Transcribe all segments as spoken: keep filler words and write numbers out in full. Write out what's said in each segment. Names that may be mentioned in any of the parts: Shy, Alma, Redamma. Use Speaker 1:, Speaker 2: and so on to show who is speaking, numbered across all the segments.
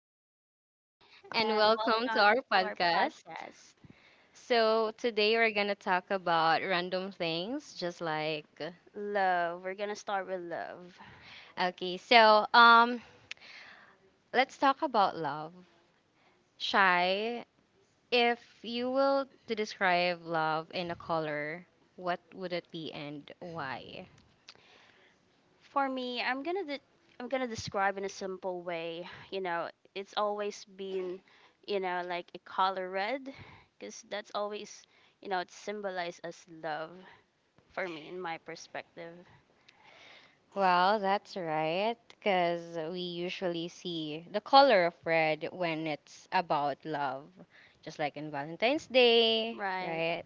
Speaker 1: This is Shy,
Speaker 2: and
Speaker 1: and
Speaker 2: welcome to our
Speaker 1: welcome to our
Speaker 2: podcast.
Speaker 1: podcast,
Speaker 2: So, today we're going to talk about random things, just like.
Speaker 1: Love. We're gonna start with love.
Speaker 2: Okay, so um, let's talk about love. Shy, if you will to describe love in a color, what would it be and why?
Speaker 1: For me, I'm gonna de- I'm gonna describe in a simple way. You know, it's always been, you know, like a color red, because that's always, you know, it symbolizes as love for me in my perspective.
Speaker 2: Well, that's right, because we usually see the color of red when it's about love, just like in Valentine's Day,
Speaker 1: Right?
Speaker 2: right?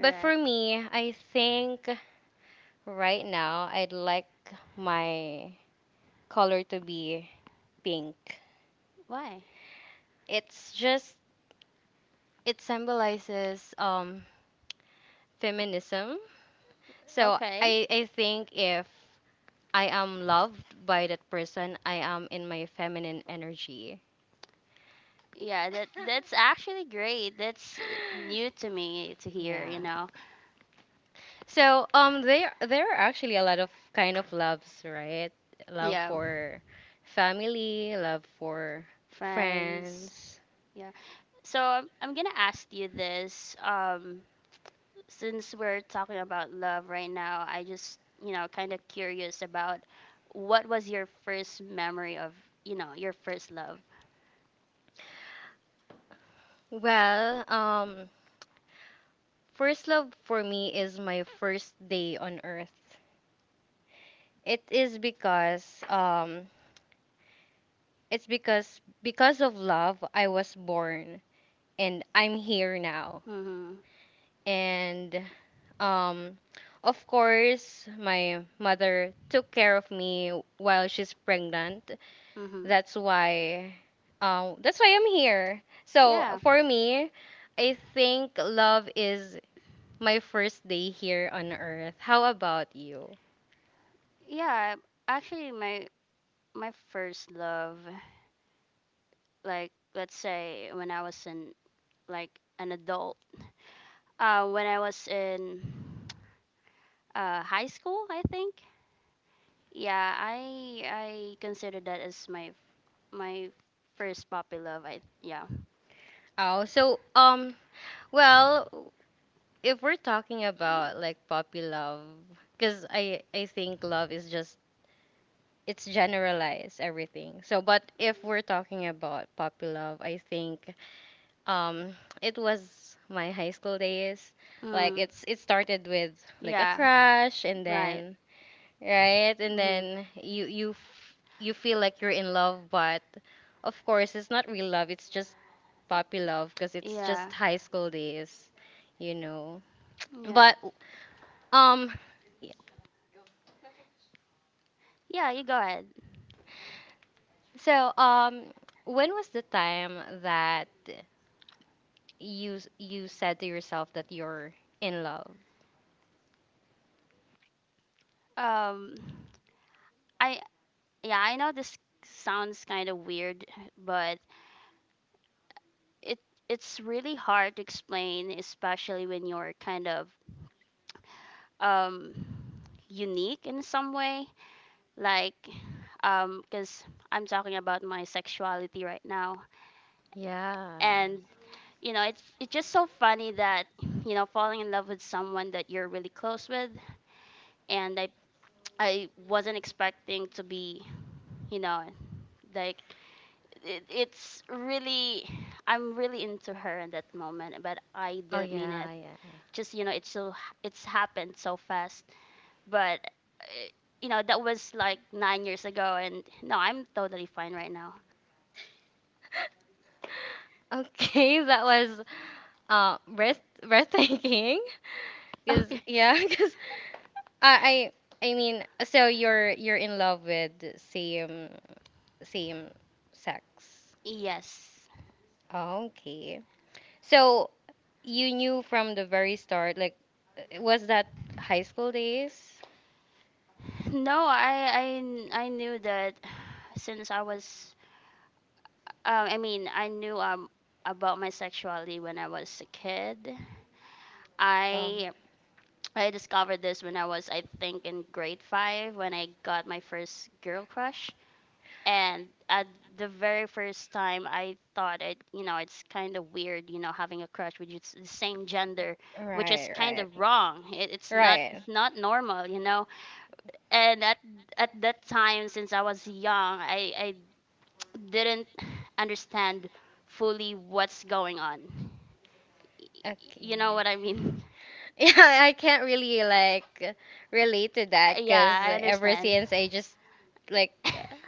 Speaker 2: But for me, I think right now I'd like my color to be pink.
Speaker 1: Why?
Speaker 2: It's just, it symbolizes um, feminism. So
Speaker 1: Okay.
Speaker 2: I, I think if I am loved by that person, I am in my feminine energy.
Speaker 1: Yeah, that that's actually great. That's uh, new to me to hear,
Speaker 2: Yeah.
Speaker 1: you know.
Speaker 2: So um there there are actually a lot of kind of loves, right? Love
Speaker 1: Yeah,
Speaker 2: for family, love for
Speaker 1: friends.
Speaker 2: friends.
Speaker 1: Yeah. So I'm, I'm going to ask you this um since we're talking about love right now, I just, you know, kind of curious about what was your first memory of, you know, your first love?
Speaker 2: Well, um first love for me is my first day on earth. It is because um it's because because of love I was born and I'm here now.
Speaker 1: Mhm.
Speaker 2: And Um, of course, my mother took care of me while she's pregnant.
Speaker 1: Mhm.
Speaker 2: That's why, um, that's why I'm here. So
Speaker 1: Yeah.
Speaker 2: for me, I think love is my first day here on earth. How about you?
Speaker 1: Yeah, actually my my first love, like, let's say when I was in, like, an adult. Uh, when I was in uh, high school, I think. Yeah, I I consider that as my my first puppy love. I Yeah.
Speaker 2: Oh, so um, well, if we're talking about like puppy love, because I I think love is just it's generalized everything. So, but if we're talking about puppy love, I think um it was my high school days, like. Mm.
Speaker 1: Mm,
Speaker 2: it's it started with, like, a. Yeah.
Speaker 1: yeah.
Speaker 2: Crush, and
Speaker 1: Right.
Speaker 2: then right, and
Speaker 1: Mm-hmm.
Speaker 2: then you you f- you feel like you're in love, but of course it's not real love, it's just puppy love because it's. Yeah.
Speaker 1: Yeah.
Speaker 2: Just high school days, you know.
Speaker 1: Yeah.
Speaker 2: But um yeah.
Speaker 1: Yeah, you go ahead.
Speaker 2: So um when was the time that you s- you said to yourself that you're in love?
Speaker 1: Um, I yeah, I know this sounds kind of weird, but it it's really hard to explain, especially when you're kind of um unique in some way. Like, um because I'm talking about my sexuality right now.
Speaker 2: Yeah.
Speaker 1: And you know it's it's just so funny that, you know falling in love with someone that you're really close with. And i i wasn't expecting to be, you know like, it, it's really, I'm really into her in that moment, but I
Speaker 2: Oh
Speaker 1: didn't mean it.
Speaker 2: yeah, yeah.
Speaker 1: Just, you know it's so it's happened so fast. But uh, you know that was like nine years ago, and no, I'm totally fine right now.
Speaker 2: Okay, that was uh breath breathtaking. Cause
Speaker 1: Okay.
Speaker 2: yeah, cause I I I mean, so you're you're in love with same same sex.
Speaker 1: Yes.
Speaker 2: Okay. So you knew from the very start, like, uh, was that high school days?
Speaker 1: No, I I kn- I knew that since I was um I mean, I knew um about my sexuality when I was a kid.
Speaker 2: Um,
Speaker 1: I I discovered this when I was, I think, in grade five, when I got my first girl crush. And at the very first time, I thought it, you know it's kind of weird, you know having a crush with just the same gender, which is
Speaker 2: right,
Speaker 1: kind
Speaker 2: right,
Speaker 1: of wrong. It, it's not
Speaker 2: right.
Speaker 1: it's not normal, you know. And at at that time, since I was young, I I didn't understand fully what's going on. You
Speaker 2: Okay.
Speaker 1: know what I mean?
Speaker 2: Yeah, I can't really like relate to that because
Speaker 1: Yeah, I
Speaker 2: ever
Speaker 1: understand.
Speaker 2: since I just like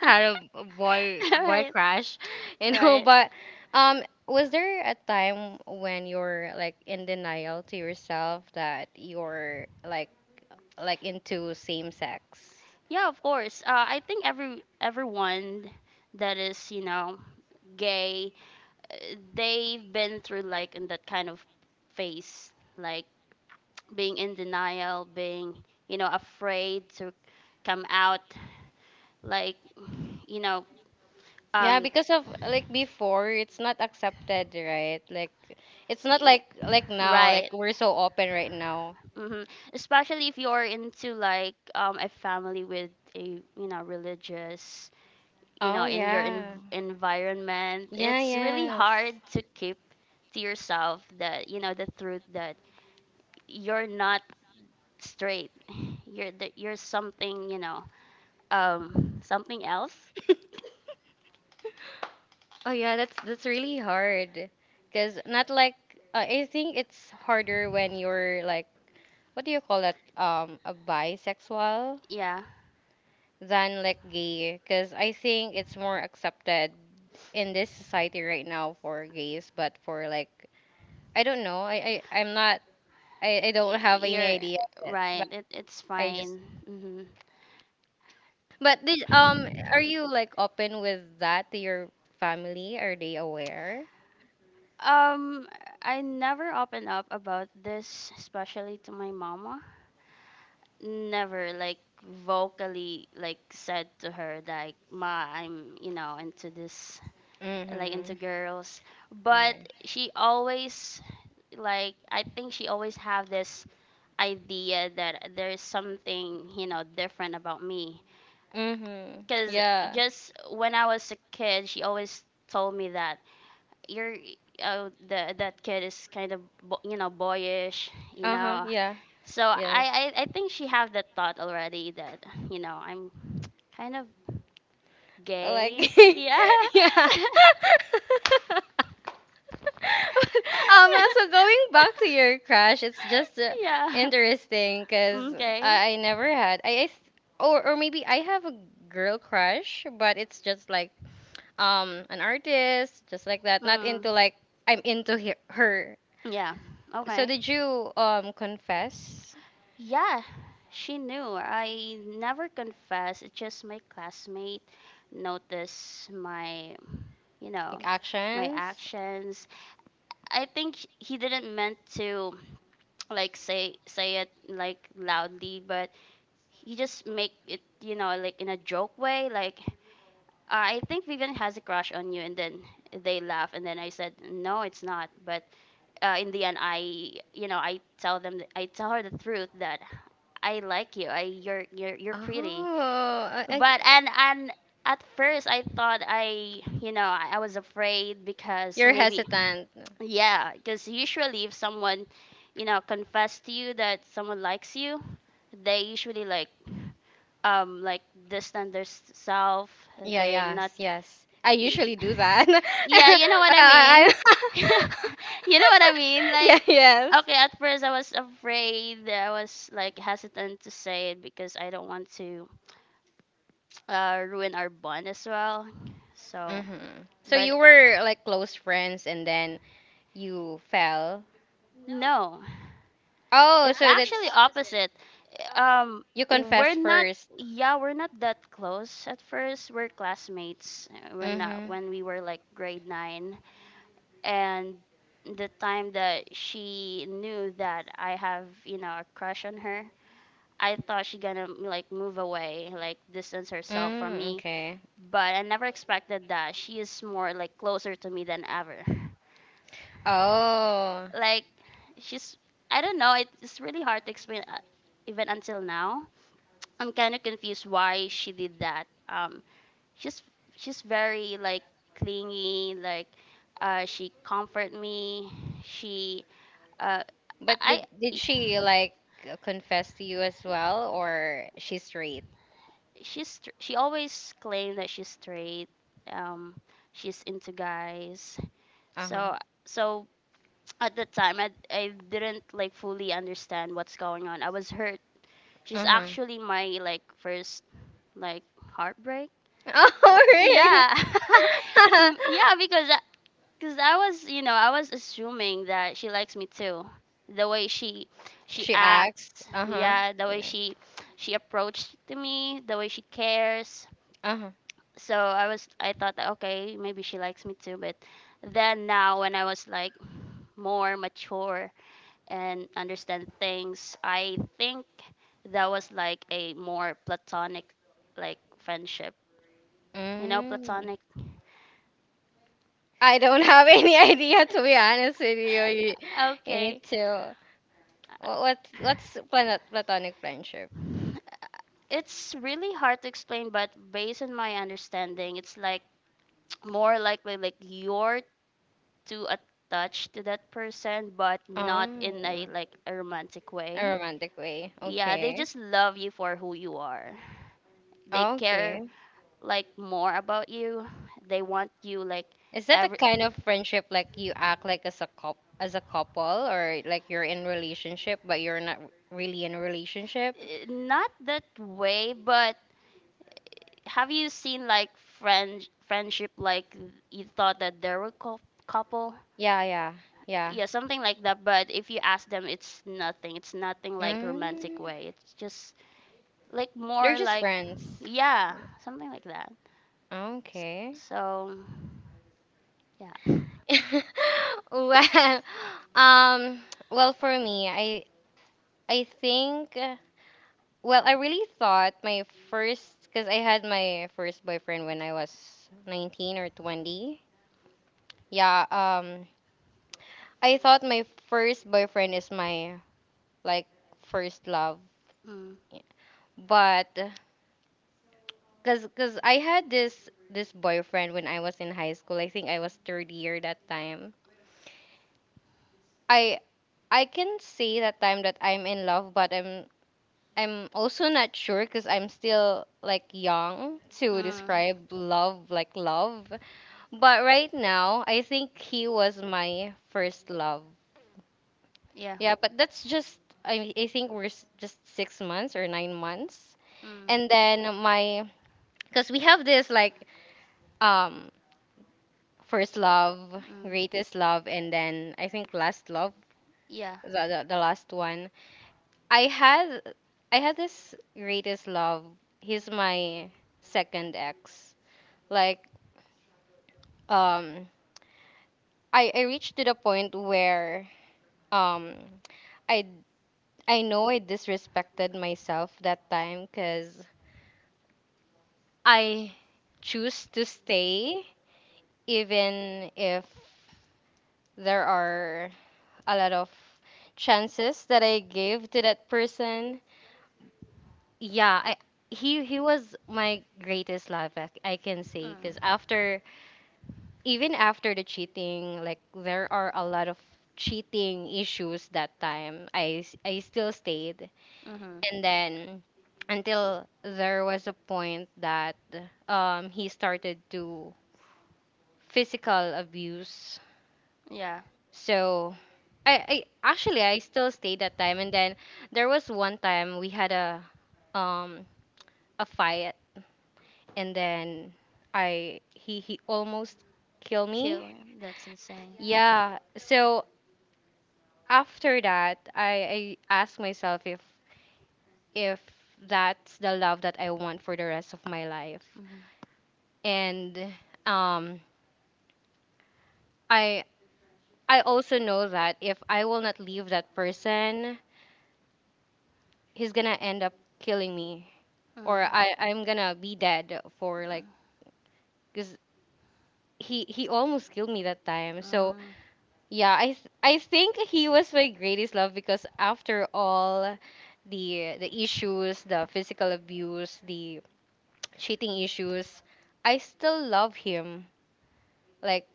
Speaker 2: had a a boy boy
Speaker 1: Right,
Speaker 2: crush, you know.
Speaker 1: right.
Speaker 2: But um, was there a time when you're like in denial to yourself that you're like like into same sex?
Speaker 1: Yeah, of course. Uh, I think every everyone that is, you know gay, uh, they've been through, like, in that kind of phase, like being in denial, being, you know afraid to come out, like you know
Speaker 2: Yeah,
Speaker 1: um.
Speaker 2: because of like before, it's not accepted, right? Like it's not
Speaker 1: y-
Speaker 2: like like now, like
Speaker 1: Right.
Speaker 2: we're so open right now.
Speaker 1: Mm-hmm. Especially if you're into, like, um a family with a, you know religious, you know
Speaker 2: Oh
Speaker 1: in your env
Speaker 2: yeah,
Speaker 1: environment.
Speaker 2: yeah,
Speaker 1: It's really
Speaker 2: yes.
Speaker 1: hard to keep to yourself that you know the truth that you're not straight. You're That you're something, you know um something else.
Speaker 2: Oh yeah, that's that's really hard. Cause not like, uh, I think it's harder when you're like, what do you call that? Um, a bisexual
Speaker 1: Yeah,
Speaker 2: than like gay. Cause I think it's more accepted in this society right now for gays, but for like, I don't know. I I I'm not. I I don't have any
Speaker 1: you're
Speaker 2: idea yet.
Speaker 1: right.
Speaker 2: But
Speaker 1: It it's
Speaker 2: I just.
Speaker 1: fine. Mm-hmm.
Speaker 2: But this, um, are you like open with that to your family? Are they aware?
Speaker 1: Um, I never open up about this, especially to my mama. Never like vocally like said to her, like, "Ma, I'm, you know into this, like,
Speaker 2: Mm-hmm.
Speaker 1: into girls." But she always, like, I think, she always have this idea that there's something, you know different about me.
Speaker 2: Mhm.
Speaker 1: Because
Speaker 2: Yeah.
Speaker 1: just when I was a kid, she always told me that, "You're — oh, the — that kid is kind of bo- you know boyish, you
Speaker 2: Uh huh.
Speaker 1: know
Speaker 2: Yeah.
Speaker 1: so
Speaker 2: Yes.
Speaker 1: I, I, I think she have that thought already that you know I'm kind of gay.
Speaker 2: Like.
Speaker 1: Yeah.
Speaker 2: Yeah. Alma, so going back to your crush, it's just uh,
Speaker 1: Yeah.
Speaker 2: interesting because
Speaker 1: Okay.
Speaker 2: I, I never had I, I th- or or maybe I have a girl crush, but it's just like um an artist, just like that. Not
Speaker 1: Mm.
Speaker 2: into like. I'm into he- her.
Speaker 1: Yeah.
Speaker 2: So
Speaker 1: Okay.
Speaker 2: did you um confess?
Speaker 1: Yeah. She knew. I never confessed. It's just my classmate noticed my, you
Speaker 2: Like
Speaker 1: know, my
Speaker 2: actions?
Speaker 1: actions. I think sh- he didn't meant to like say say it like loudly, but he just make it, you know, like in a joke way, like, Uh, I think Vivian has a crush on you. And then they laugh, and then I said, no, it's not. But uh, in the end, I, you know, I tell them, th- I tell her the truth that I like you. I, you're, you're, you're pretty.
Speaker 2: Oh, I, I,
Speaker 1: But and and at first, I thought, I, you know, I, I was afraid because
Speaker 2: you're
Speaker 1: maybe,
Speaker 2: hesitant.
Speaker 1: yeah, because usually if someone, you know, confess to you that someone likes you, they usually, like, um like distant their s- self.
Speaker 2: Yeah,
Speaker 1: They're not.
Speaker 2: yes, yes. I usually do that.
Speaker 1: Yeah, you know what I
Speaker 2: I,
Speaker 1: mean? You
Speaker 2: I,
Speaker 1: know what I mean?
Speaker 2: yeah,
Speaker 1: Like,
Speaker 2: yes.
Speaker 1: okay, at first I was afraid. I was like hesitant to say it because I don't want to uh, ruin our bond as well. So,
Speaker 2: Mm-hmm. So
Speaker 1: but
Speaker 2: you were like close friends and then you fell.
Speaker 1: no, it's
Speaker 2: Oh, so
Speaker 1: actually
Speaker 2: that's,
Speaker 1: opposite. Um,
Speaker 2: you
Speaker 1: we're
Speaker 2: confessed
Speaker 1: not.
Speaker 2: first.
Speaker 1: Yeah, we're not that close at first. We're classmates uh, when not
Speaker 2: Mm-hmm.
Speaker 1: when we were like grade nine. And the time that she knew that I have, you know, a crush on her, I thought she gonna like move away, like distance herself from
Speaker 2: Mm,
Speaker 1: me.
Speaker 2: okay.
Speaker 1: But I never expected that she is more like closer to me than ever.
Speaker 2: Oh.
Speaker 1: Like, she's, I don't know, it's really hard to explain uh, even until now. I'm kind of confused why she did that. Um, she's she's very like clingy, like, uh, she comfort me. She uh
Speaker 2: But
Speaker 1: I
Speaker 2: did did
Speaker 1: I-
Speaker 2: she like confess to you as well, or she's straight?
Speaker 1: she's str- she always claimed that she's straight. Um, she's into guys.
Speaker 2: Uh huh.
Speaker 1: So so at the time I I didn't like fully understand what's going on. I was hurt. She's
Speaker 2: Uh huh.
Speaker 1: actually my like first like heartbreak.
Speaker 2: Oh really?
Speaker 1: Yeah. Mm, yeah, because uh, because I was, you know, I was assuming that she likes me too. The way she she
Speaker 2: She acts.
Speaker 1: acts,
Speaker 2: Uh huh.
Speaker 1: yeah, the way she she approached to me, the way she cares.
Speaker 2: Uh huh.
Speaker 1: So I was I thought that, okay, maybe she likes me too, but then now when I was like more mature and understand things, I think that was like a more platonic like friendship. You know,
Speaker 2: Mm.
Speaker 1: platonic.
Speaker 2: I don't have any idea to be honest with you. You, you need
Speaker 1: Okay.
Speaker 2: to. What what's what's planet, platonic friendship?
Speaker 1: It's really hard to explain, but based on my understanding, it's like, more likely, like, you're too attached to that person, but not in, a
Speaker 2: Oh,
Speaker 1: like, a romantic
Speaker 2: a
Speaker 1: way.
Speaker 2: romantic way.
Speaker 1: Yeah, they
Speaker 2: Okay.
Speaker 1: just love you for who you are. They care
Speaker 2: Okay.
Speaker 1: like more about you. They want you like
Speaker 2: Is that a
Speaker 1: every
Speaker 2: kind of friendship like you act like as a cop as a couple, or like you're in relationship but you're not really in a relationship?
Speaker 1: eh, not that way, but have you seen like friend friendship like you thought that they were cou- couple?
Speaker 2: Yeah, yeah, yeah.
Speaker 1: Yeah, something like that, but if you ask them, it's nothing, it's nothing like romantic
Speaker 2: Mm.
Speaker 1: way, it's just like
Speaker 2: They're
Speaker 1: more
Speaker 2: just
Speaker 1: like,
Speaker 2: friends.
Speaker 1: yeah, something like that. S-
Speaker 2: Okay.
Speaker 1: so yeah.
Speaker 2: Well, um, well, for me, I I think, uh, well, I really thought my first, because I had my first boyfriend when I was nineteen or twenty. Yeah, um I thought my first boyfriend is my, like, first love.
Speaker 1: Mm,
Speaker 2: Yeah. But cuz cuz I had this this boyfriend when I was in high school. I think I was third year that time. I I can say that time that I'm in love, but I'm I'm also not sure cuz I'm still like young to
Speaker 1: mm,
Speaker 2: describe love like love. But right now, I think he was my first love.
Speaker 1: yeah. Mm, mm, yeah.
Speaker 2: Yeah, but that's just. I I think we're s- just six months or nine months.
Speaker 1: Mm,
Speaker 2: And then my. Because we have this, like, um first love,
Speaker 1: mm-hmm.
Speaker 2: greatest love, and then I think last love. the, the, the last one i had I had this greatest love. He's my second ex, like, um i i reached to the point where, um i I know I disrespected myself that time because I choose to stay even if there are a lot of chances that I gave to that person. Yeah, I, he he was my greatest love, I, I can say, because after. Even after the cheating, like there are a lot of cheating issues that time. I s- I still stayed, and then until there was a point that um he started to physical abuse.
Speaker 1: Yeah.
Speaker 2: So I, I actually I still stayed that time, and then there was one time we had a um a fight, and then I he he almost killed
Speaker 1: Kill
Speaker 2: me.
Speaker 1: him, that's insane.
Speaker 2: Yeah. So after that, I, I asked myself if. if that's the love that I want for the rest of my life.
Speaker 1: Mhm.
Speaker 2: And um I I also know that if I will not leave that person, he's gonna end up killing me, or
Speaker 1: Mm.
Speaker 2: I I'm gonna be dead, for like, because he he almost killed me that time. So
Speaker 1: Mm.
Speaker 2: yeah, I th- I think he was my greatest love because after all the the issues, the physical abuse, the cheating issues, I still love him. Like,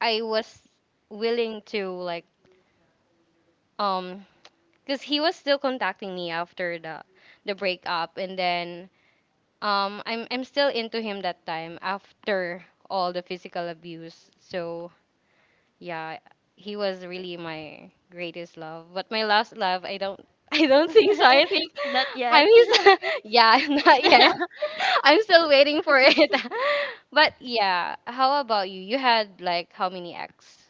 Speaker 2: I was willing to like, um because he was still contacting me after the the breakup, and then um I'm I'm still into him that time after all the physical abuse. So yeah, he was really my greatest love. But my last love, I don't I don't think so. I think
Speaker 1: Not yet.
Speaker 2: I'm his yeah, not yet. I'm still waiting for it. But yeah, how about you? You had like how many ex?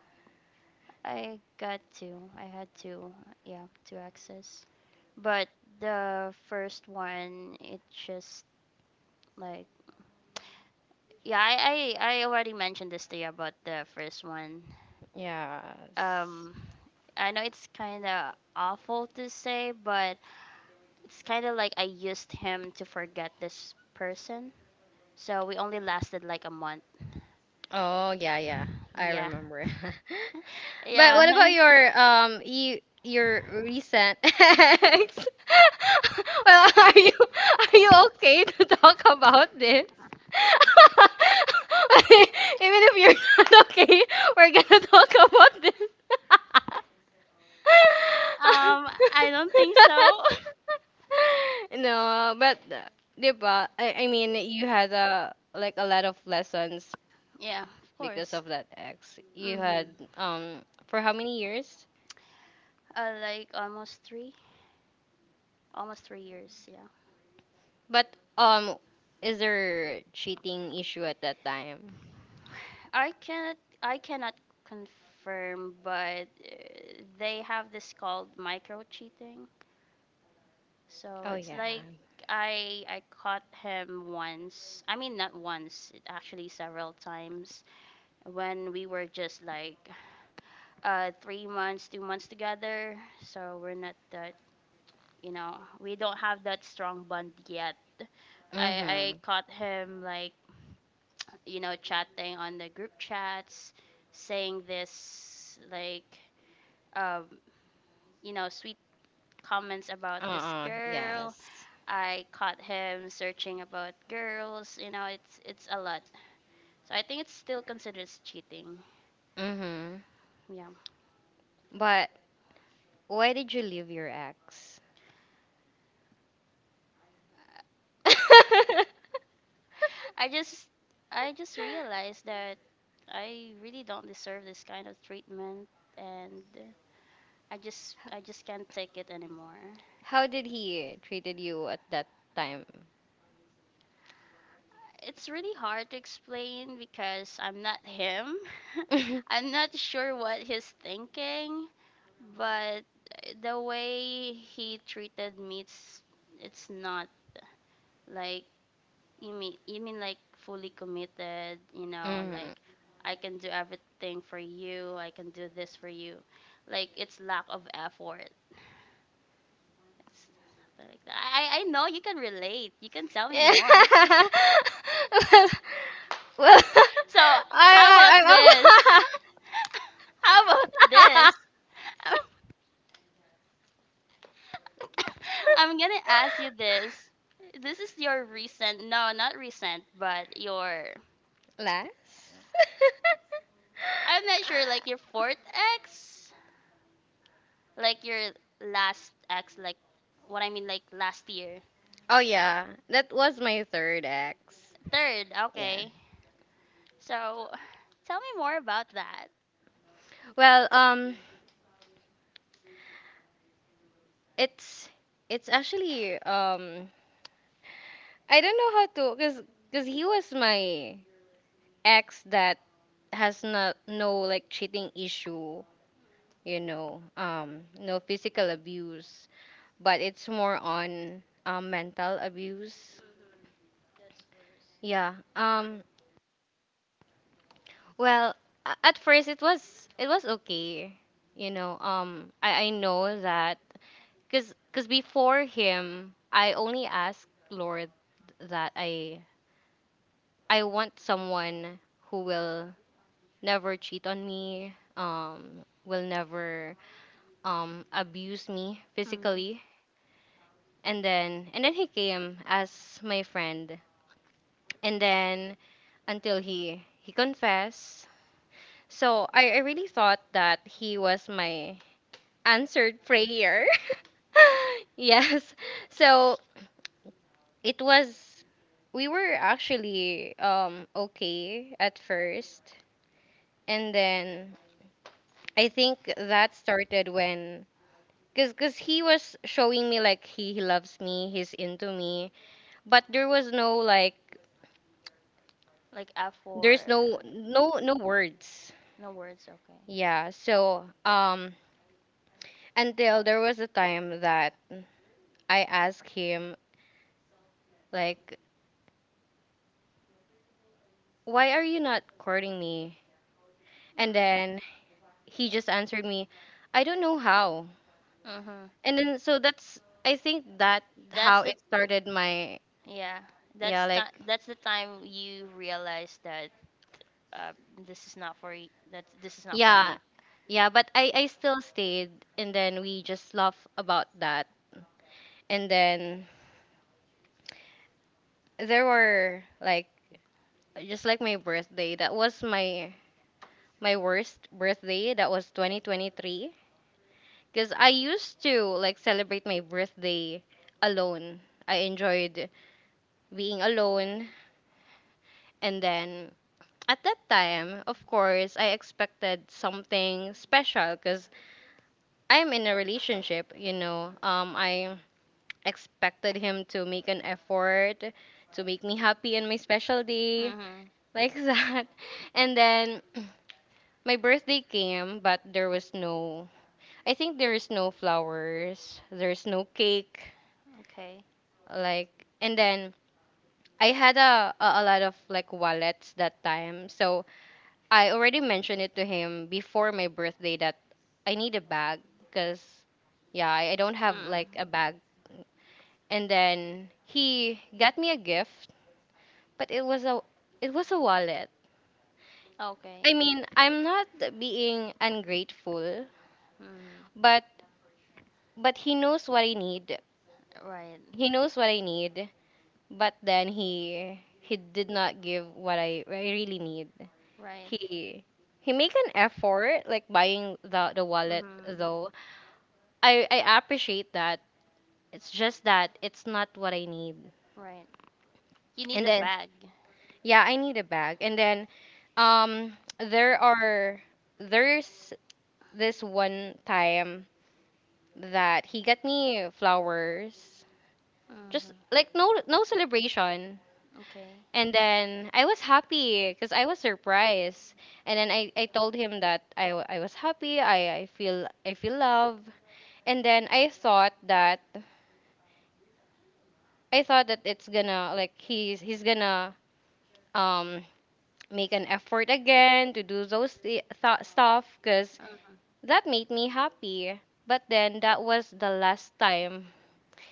Speaker 1: I got two. I had two. Yeah, two access. But the first one, it just, like, yeah. I I, I already mentioned this to you about the first one.
Speaker 2: Yeah.
Speaker 1: Um, I know it's kind of awful to say, but it's kind of like I used him to forget this person. So we only lasted like a month.
Speaker 2: Oh yeah, yeah. I
Speaker 1: Yeah.
Speaker 2: remember. But what
Speaker 1: Yeah.
Speaker 2: about your um you your recent ex? Well, are you are you okay to talk about this? Even if you're not okay, we're gonna talk about this.
Speaker 1: Um, I don't think so.
Speaker 2: No, but, uh, diba? I, I mean, you had a, like, a lot of lessons
Speaker 1: Yeah, of
Speaker 2: because
Speaker 1: course.
Speaker 2: of that ex. You
Speaker 1: Mhm.
Speaker 2: had, um for how many years?
Speaker 1: Uh, like almost three, almost three years. Yeah.
Speaker 2: But um, is there cheating issue at that time?
Speaker 1: I cannot. I cannot confirm, but uh, they have this called micro cheating. So
Speaker 2: Oh
Speaker 1: it's
Speaker 2: yeah.
Speaker 1: like, I I caught him once. I mean, not once. It actually several times when we were just like uh three months, two months together. So we're not that, you know we don't have that strong bond yet. i
Speaker 2: Mm-hmm.
Speaker 1: i caught him like, you know chatting on the group chats, saying this like, um you know sweet comments about this
Speaker 2: Uh-uh.
Speaker 1: girl.
Speaker 2: Yes.
Speaker 1: I caught him searching about girls. You know, it's it's a lot. So I think it's still considered cheating.
Speaker 2: Mm-hmm.
Speaker 1: Yeah.
Speaker 2: But why did you leave your ex?
Speaker 1: i just i just realized that I really don't deserve this kind of treatment, and I just I just can't take it anymore.
Speaker 2: How did he treated you at that time?
Speaker 1: It's really hard to explain because I'm not him.
Speaker 2: mm-hmm.
Speaker 1: I'm not sure what he's thinking, but the way he treated me, it's, it's not like you mean, you mean like fully committed. You know, like, I can do everything for you. I can do this for you. Like, it's lack of effort. It's something like that. I I I know you can relate. You can tell me
Speaker 2: Yeah.
Speaker 1: more.
Speaker 2: well, well,
Speaker 1: So how about
Speaker 2: I, I,
Speaker 1: this?
Speaker 2: I,
Speaker 1: How about this?
Speaker 2: I
Speaker 1: I'm gonna ask you this. This is your recent, no, not recent, but your,
Speaker 2: Last?
Speaker 1: I'm not sure, like your fourth ex? Like your last ex, like, what I mean, like last year.
Speaker 2: Oh yeah, that was my third ex.
Speaker 1: Third,
Speaker 2: Yeah.
Speaker 1: okay. So tell me more about that.
Speaker 2: Well, um, it's it's actually, um, I don't know how to. Cause cause he was my ex that has not no like cheating issue, you know, um, no physical abuse, but it's more on um mental abuse. Yeah. Um, Well, a- at first it was it was okay. You know, um I I know that, cuz cuz before him, I only asked Lord that I I want someone who will never cheat on me, um will never um abuse me
Speaker 1: Mm.
Speaker 2: physically. And then and then he came as my friend. And then until he he confessed. So I, I really thought that he was my answered prayer. Yes. So it was we were actually um okay at first, and then I think that started when. Cuz cuz he was showing me, like, he, he loves me, he's into me, but there was no, like,
Speaker 1: Like
Speaker 2: there's
Speaker 1: F four,
Speaker 2: no no no words.
Speaker 1: no words, okay.
Speaker 2: Yeah, so um until there was a time that I asked him, like, why are you not courting me?
Speaker 1: Mm.
Speaker 2: And then he just answered me, I don't know how.
Speaker 1: Mm-hmm.
Speaker 2: And then, so that's. I think that
Speaker 1: That's
Speaker 2: how
Speaker 1: the,
Speaker 2: it started my.
Speaker 1: yeah. That's
Speaker 2: Yeah,
Speaker 1: ti
Speaker 2: like,
Speaker 1: that's the time you realize that, uh, this is not for y- that this is not for
Speaker 2: yeah,
Speaker 1: me.
Speaker 2: yeah, but I I still stayed, and then we just laugh about that. And then there were, like, just like my birthday, that was my my worst birthday. That was twenty twenty-three. Because I used to like celebrate my birthday alone. I enjoyed being alone. And then at that time, of course, I expected something special because I'm in a relationship, you know. Um, I expected him to make an effort to make me happy on my special day,
Speaker 1: Mhm.
Speaker 2: like that. And then my birthday came, but there was no, I think there is no flowers, there's no cake,
Speaker 1: Okay.
Speaker 2: like, and then I had a, a a lot of like wallets that time. So I already mentioned it to him before my birthday that I need a bag because yeah, I, I don't have
Speaker 1: Mm.
Speaker 2: like a bag. And then he got me a gift, but it was a it was a wallet.
Speaker 1: Okay.
Speaker 2: I mean, I'm not being ungrateful,
Speaker 1: Mm.
Speaker 2: but but he knows what I need.
Speaker 1: Right.
Speaker 2: He knows what I need, but then he he did not give what I, I really need.
Speaker 1: Right.
Speaker 2: He he make an effort like buying the the wallet
Speaker 1: Mhm.
Speaker 2: though i i appreciate that, it's just that it's not what I need.
Speaker 1: Right. You need
Speaker 2: And
Speaker 1: a
Speaker 2: then
Speaker 1: bag.
Speaker 2: yeah, I need a bag. And then um there are there's this one time that he got me flowers, just
Speaker 1: Mhm.
Speaker 2: like no no celebration.
Speaker 1: Okay.
Speaker 2: And then I was happy because I was surprised. And then I, I told him that I, w- I was happy, I, I feel I feel love. And then I thought that I thought that it's gonna like he's he's gonna um make an effort again to do those th- th- stuff because
Speaker 1: Mhm.
Speaker 2: that made me happy. But then that was the last time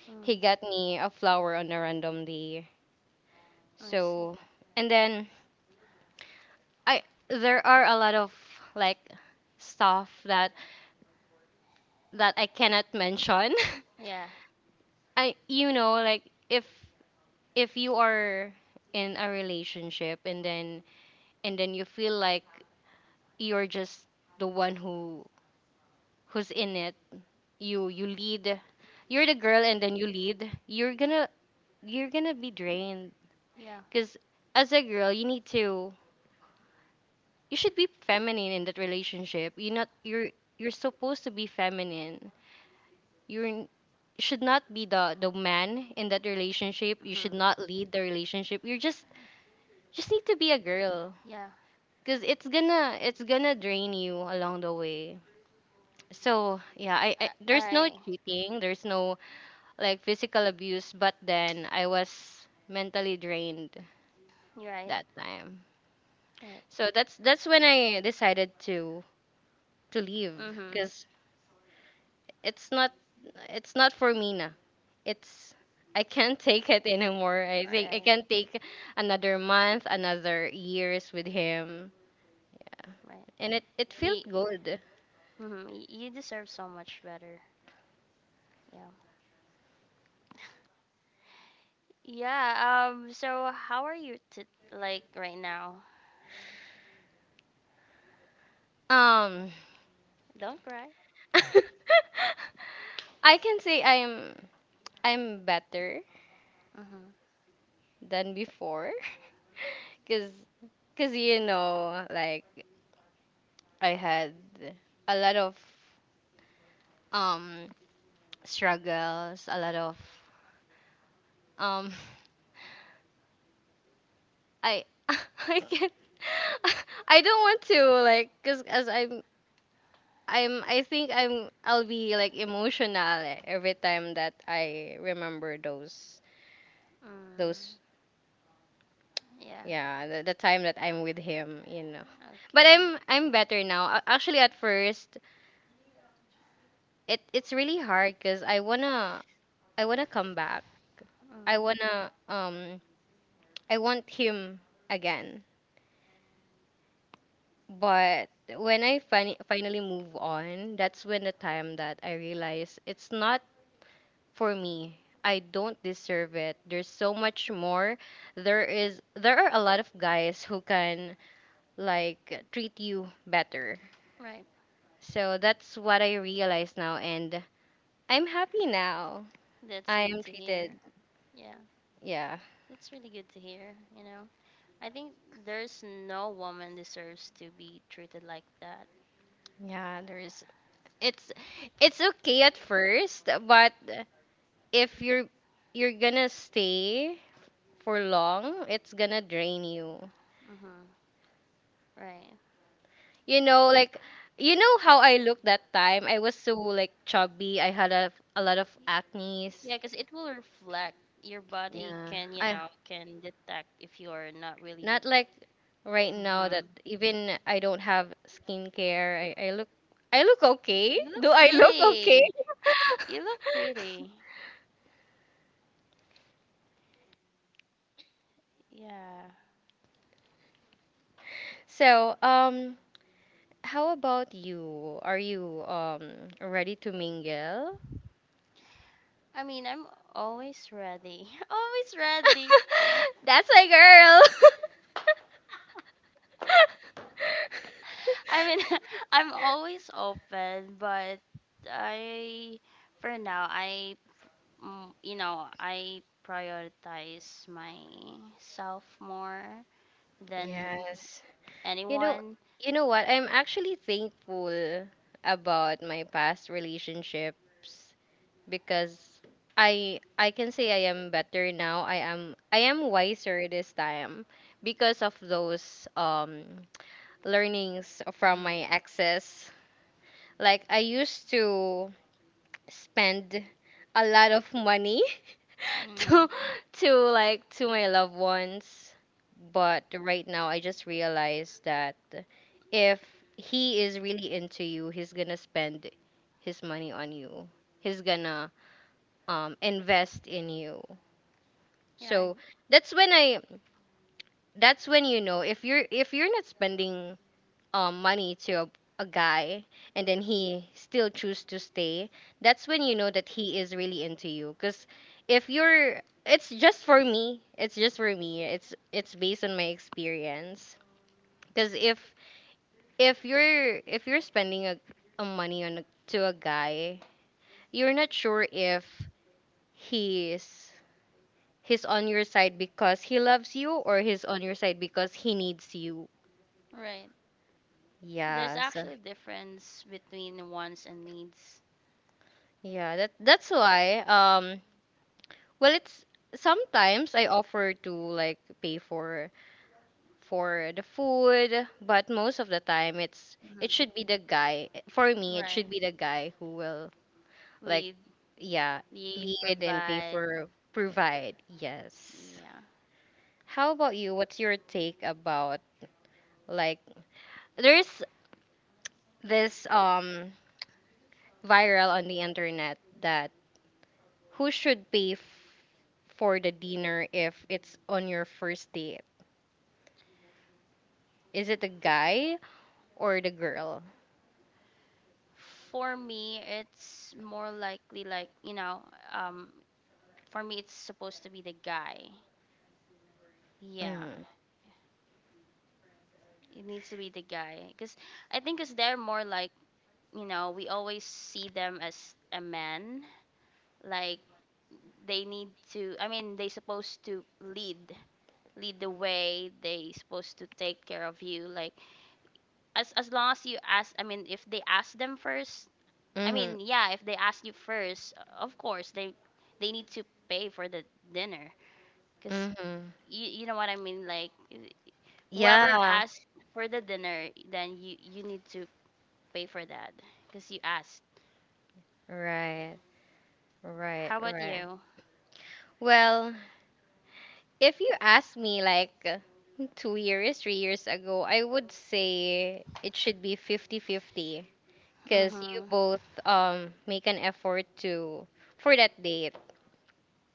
Speaker 1: Mm.
Speaker 2: he got me a flower on a random day.
Speaker 1: I see.
Speaker 2: So and then I there are a lot of like stuff that that I cannot mention.
Speaker 1: Yeah.
Speaker 2: I, you know, like if if you are in a relationship, and then and then you feel like you're just the one who who's in it, you you lead, you're the girl and then you lead, you're gonna you're gonna be drained.
Speaker 1: Yeah.
Speaker 2: Because as a girl you need to, you should be feminine in that relationship, you're not, you're you're supposed to be feminine. You're should not be the the man in that relationship, you
Speaker 1: Mhm.
Speaker 2: should not lead the relationship, you just just need to be a girl,
Speaker 1: Yeah.
Speaker 2: because it's gonna it's gonna drain you along the way. So yeah, I, I
Speaker 1: I.
Speaker 2: there's no
Speaker 1: I
Speaker 2: cheating, there's no like physical abuse, but then I was mentally drained
Speaker 1: You're right.
Speaker 2: that time. So that's that's when I decided to to leave,
Speaker 1: Mm-hmm. Right.
Speaker 2: because it's not it's not for me na, it's I can't take it
Speaker 1: Mhm.
Speaker 2: anymore. I think I
Speaker 1: Right.
Speaker 2: can't take another month, another years with him.
Speaker 1: Right.
Speaker 2: And it it felt
Speaker 1: You,
Speaker 2: good.
Speaker 1: mhm, y- you deserve so much better. Yeah. Yeah. Um. So how are you t- like right now?
Speaker 2: um
Speaker 1: Don't cry.
Speaker 2: I can say I'm i'm better
Speaker 1: Mhm.
Speaker 2: than before. Because because you know like I had a lot of um struggles, a lot of um I I can I don't want to, like, because as i'm i'm I think i'm I'll be like emotional every time that I remember those those
Speaker 1: Mm. Yeah.
Speaker 2: yeah, the, the time that I'm with him, you know. But
Speaker 1: Okay.
Speaker 2: i'm I'm better now. A- actually at first it it's really hard because I wanna I wanna come back.
Speaker 1: Mm.
Speaker 2: I wanna um I want him again. But when I fin- finally move on, that's when the time that I realize it's not for me. I don't deserve it. There's so much more. There is there are a lot of guys who can like treat you better.
Speaker 1: Right.
Speaker 2: So that's what I realize now, and I'm happy now.
Speaker 1: That's
Speaker 2: I
Speaker 1: good
Speaker 2: am
Speaker 1: to hear.
Speaker 2: treated.
Speaker 1: Yeah.
Speaker 2: Yeah,
Speaker 1: That's really good to hear. You know. I think there's no woman deserves to be treated like that.
Speaker 2: yeah. There is it's it's okay at first, but if you're you're gonna stay for long, it's gonna drain you.
Speaker 1: Mhm. Right.
Speaker 2: You know, like you know how I looked that time. I was so like chubby. I had a, a lot of acne's.
Speaker 1: Yeah, because it will reflect. Your body
Speaker 2: Yeah,
Speaker 1: can, you
Speaker 2: I
Speaker 1: know, can detect if you're not really.
Speaker 2: not like right now,
Speaker 1: Mm-hmm.
Speaker 2: that even I don't have skincare. I, I look I look okay.
Speaker 1: You look
Speaker 2: Do I look okay?
Speaker 1: pretty. You look pretty. Yeah.
Speaker 2: So, um, how about you? Are you um ready to mingle?
Speaker 1: I mean, I'm always ready. Always ready.
Speaker 2: That's my girl.
Speaker 1: I mean, I'm always open, but I, for now, I, mm, you know, I prioritize myself more than
Speaker 2: Yes. You know,
Speaker 1: anyone.
Speaker 2: you know what? I'm actually thankful about my past relationships because I I can say I am better now. I am I am wiser this time because of those um learnings from
Speaker 1: Mm.
Speaker 2: my exes. Like I used to spend a lot of money
Speaker 1: Mm,
Speaker 2: to to like to my loved ones, but right now I just realized that if he is really into you, he's gonna spend his money on you. He's gonna um invest in you.
Speaker 1: yeah,
Speaker 2: So that's when I that's when you know, if you're if you're not spending um, money to a, a guy and then he still choose to stay, that's when you know that he is really into you. Because if you're, it's just for me, it's just for me it's it's based on my experience. Because if if you're if you're spending a, a money on a, to a guy, you're not sure if he's he's on your side because he loves you, or he's on your side because he needs you.
Speaker 1: right. There's
Speaker 2: Yes.
Speaker 1: actually a difference between wants and needs.
Speaker 2: Yeah, that that's why. Um, well, it's sometimes I offer to like pay for for the food, but most of the time it's
Speaker 1: Mhm.
Speaker 2: it should be the guy. For me, it
Speaker 1: Right.
Speaker 2: should be the guy who will like
Speaker 1: lead
Speaker 2: yeah,
Speaker 1: lead
Speaker 2: lead and pay
Speaker 1: provide.
Speaker 2: for provide. Yes.
Speaker 1: Yeah,
Speaker 2: How about you? What's your take about like there's this um viral on the internet that who should pay f- for the dinner if it's on your first date? Is it the guy or the girl?
Speaker 1: for me, it's more likely like, you know um for me it's supposed to be the guy. Yeah,
Speaker 2: Mm-hmm.
Speaker 1: it needs to be the guy because I think because they're more like, you know we always see them as a man. Like, they need to, I mean, they supposed to lead, lead the way. They supposed to take care of you, like, as as long as you ask, I mean, if they ask them first. I
Speaker 2: Mm-hmm.
Speaker 1: mean, yeah, if they ask you first, of course they they need to pay for the dinner cuz,
Speaker 2: Mm-hmm.
Speaker 1: you, you know what I mean, like, whoever
Speaker 2: Yeah.
Speaker 1: asked for the dinner, then you you need to pay for that cuz you asked.
Speaker 2: Right. Right.
Speaker 1: How about
Speaker 2: Right.
Speaker 1: you?
Speaker 2: Well, if you ask me like two years, three years ago, I would say it should be fifty-fifty, because you
Speaker 1: Mhm.
Speaker 2: both um make an effort to for that date.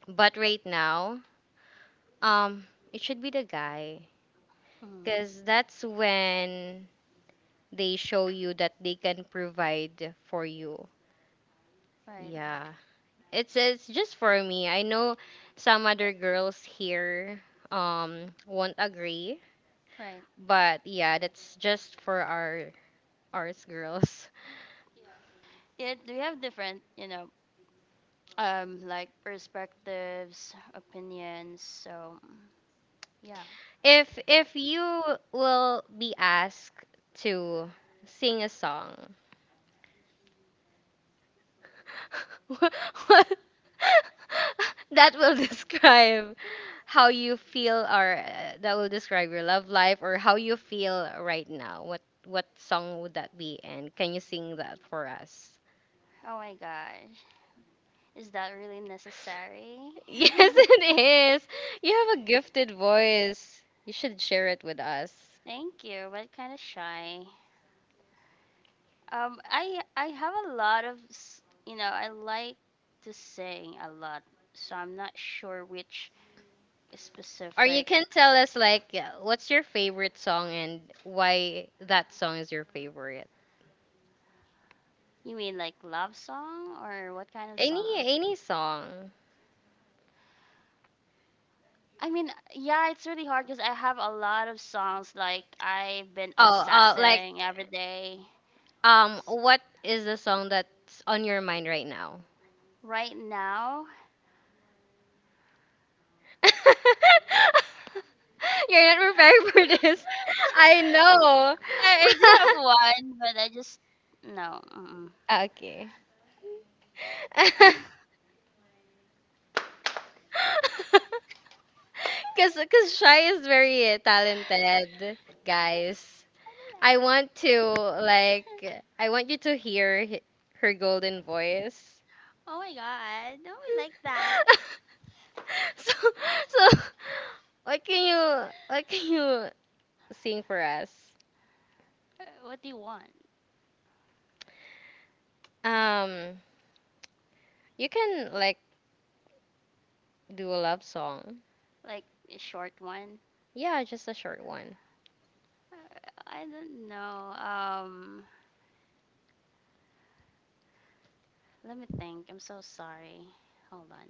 Speaker 2: But right now, um, it should be the guy
Speaker 1: Mhm.
Speaker 2: because that's when they show you that they can provide for you.
Speaker 1: Right.
Speaker 2: Yeah. It's it's just for me. I know some other girls here um won't agree,
Speaker 1: Right.
Speaker 2: but yeah, that's just for our ours girls.
Speaker 1: Yeah, we have different, you know, um, like perspectives, opinions. So, yeah.
Speaker 2: If if you will be asked to sing a song, what what- that will describe how you feel, or uh, that will describe your love life or how you feel right now, what what song would that be, and can you sing that for us?
Speaker 1: Oh my gosh. Is that really necessary?
Speaker 2: Yes, it is. You have a gifted voice, you should share it with us.
Speaker 1: Thank you. But kind of shy. Um, I I have a lot of s- you know, I like to sing a lot, so I'm not sure which
Speaker 2: Or you
Speaker 1: specific.
Speaker 2: can tell us like, yeah, what's your favorite song and why that song is your favorite.
Speaker 1: You mean like love song or what kind of
Speaker 2: any
Speaker 1: song?
Speaker 2: any song.
Speaker 1: I mean, yeah, it's really hard because I have a lot of songs. Like, I've been
Speaker 2: Oh, uh, like
Speaker 1: obsessing every day.
Speaker 2: Um,
Speaker 1: S-
Speaker 2: what is the song that's on your mind right now?
Speaker 1: Right now,
Speaker 2: You're not prepared for this. I know.
Speaker 1: I, I do have one, but I just no. Mm-mm.
Speaker 2: Okay.
Speaker 1: I
Speaker 2: Cause, cause Shy is very talented, guys. I want to
Speaker 1: don't know.
Speaker 2: like, I want you to hear h- her golden voice.
Speaker 1: Oh my god, no, we like that.
Speaker 2: So, so, what can you, what can you sing for us?
Speaker 1: Uh, What do you want?
Speaker 2: Um, you can like do a love song.
Speaker 1: Like a short one? Uh, I don't know. Um, let me think. I'm so sorry. Hold on.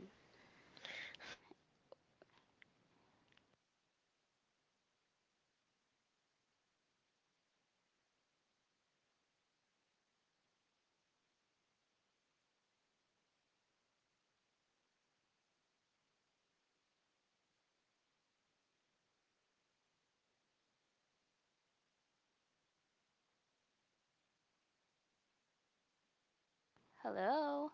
Speaker 1: Hello.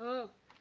Speaker 3: Oh.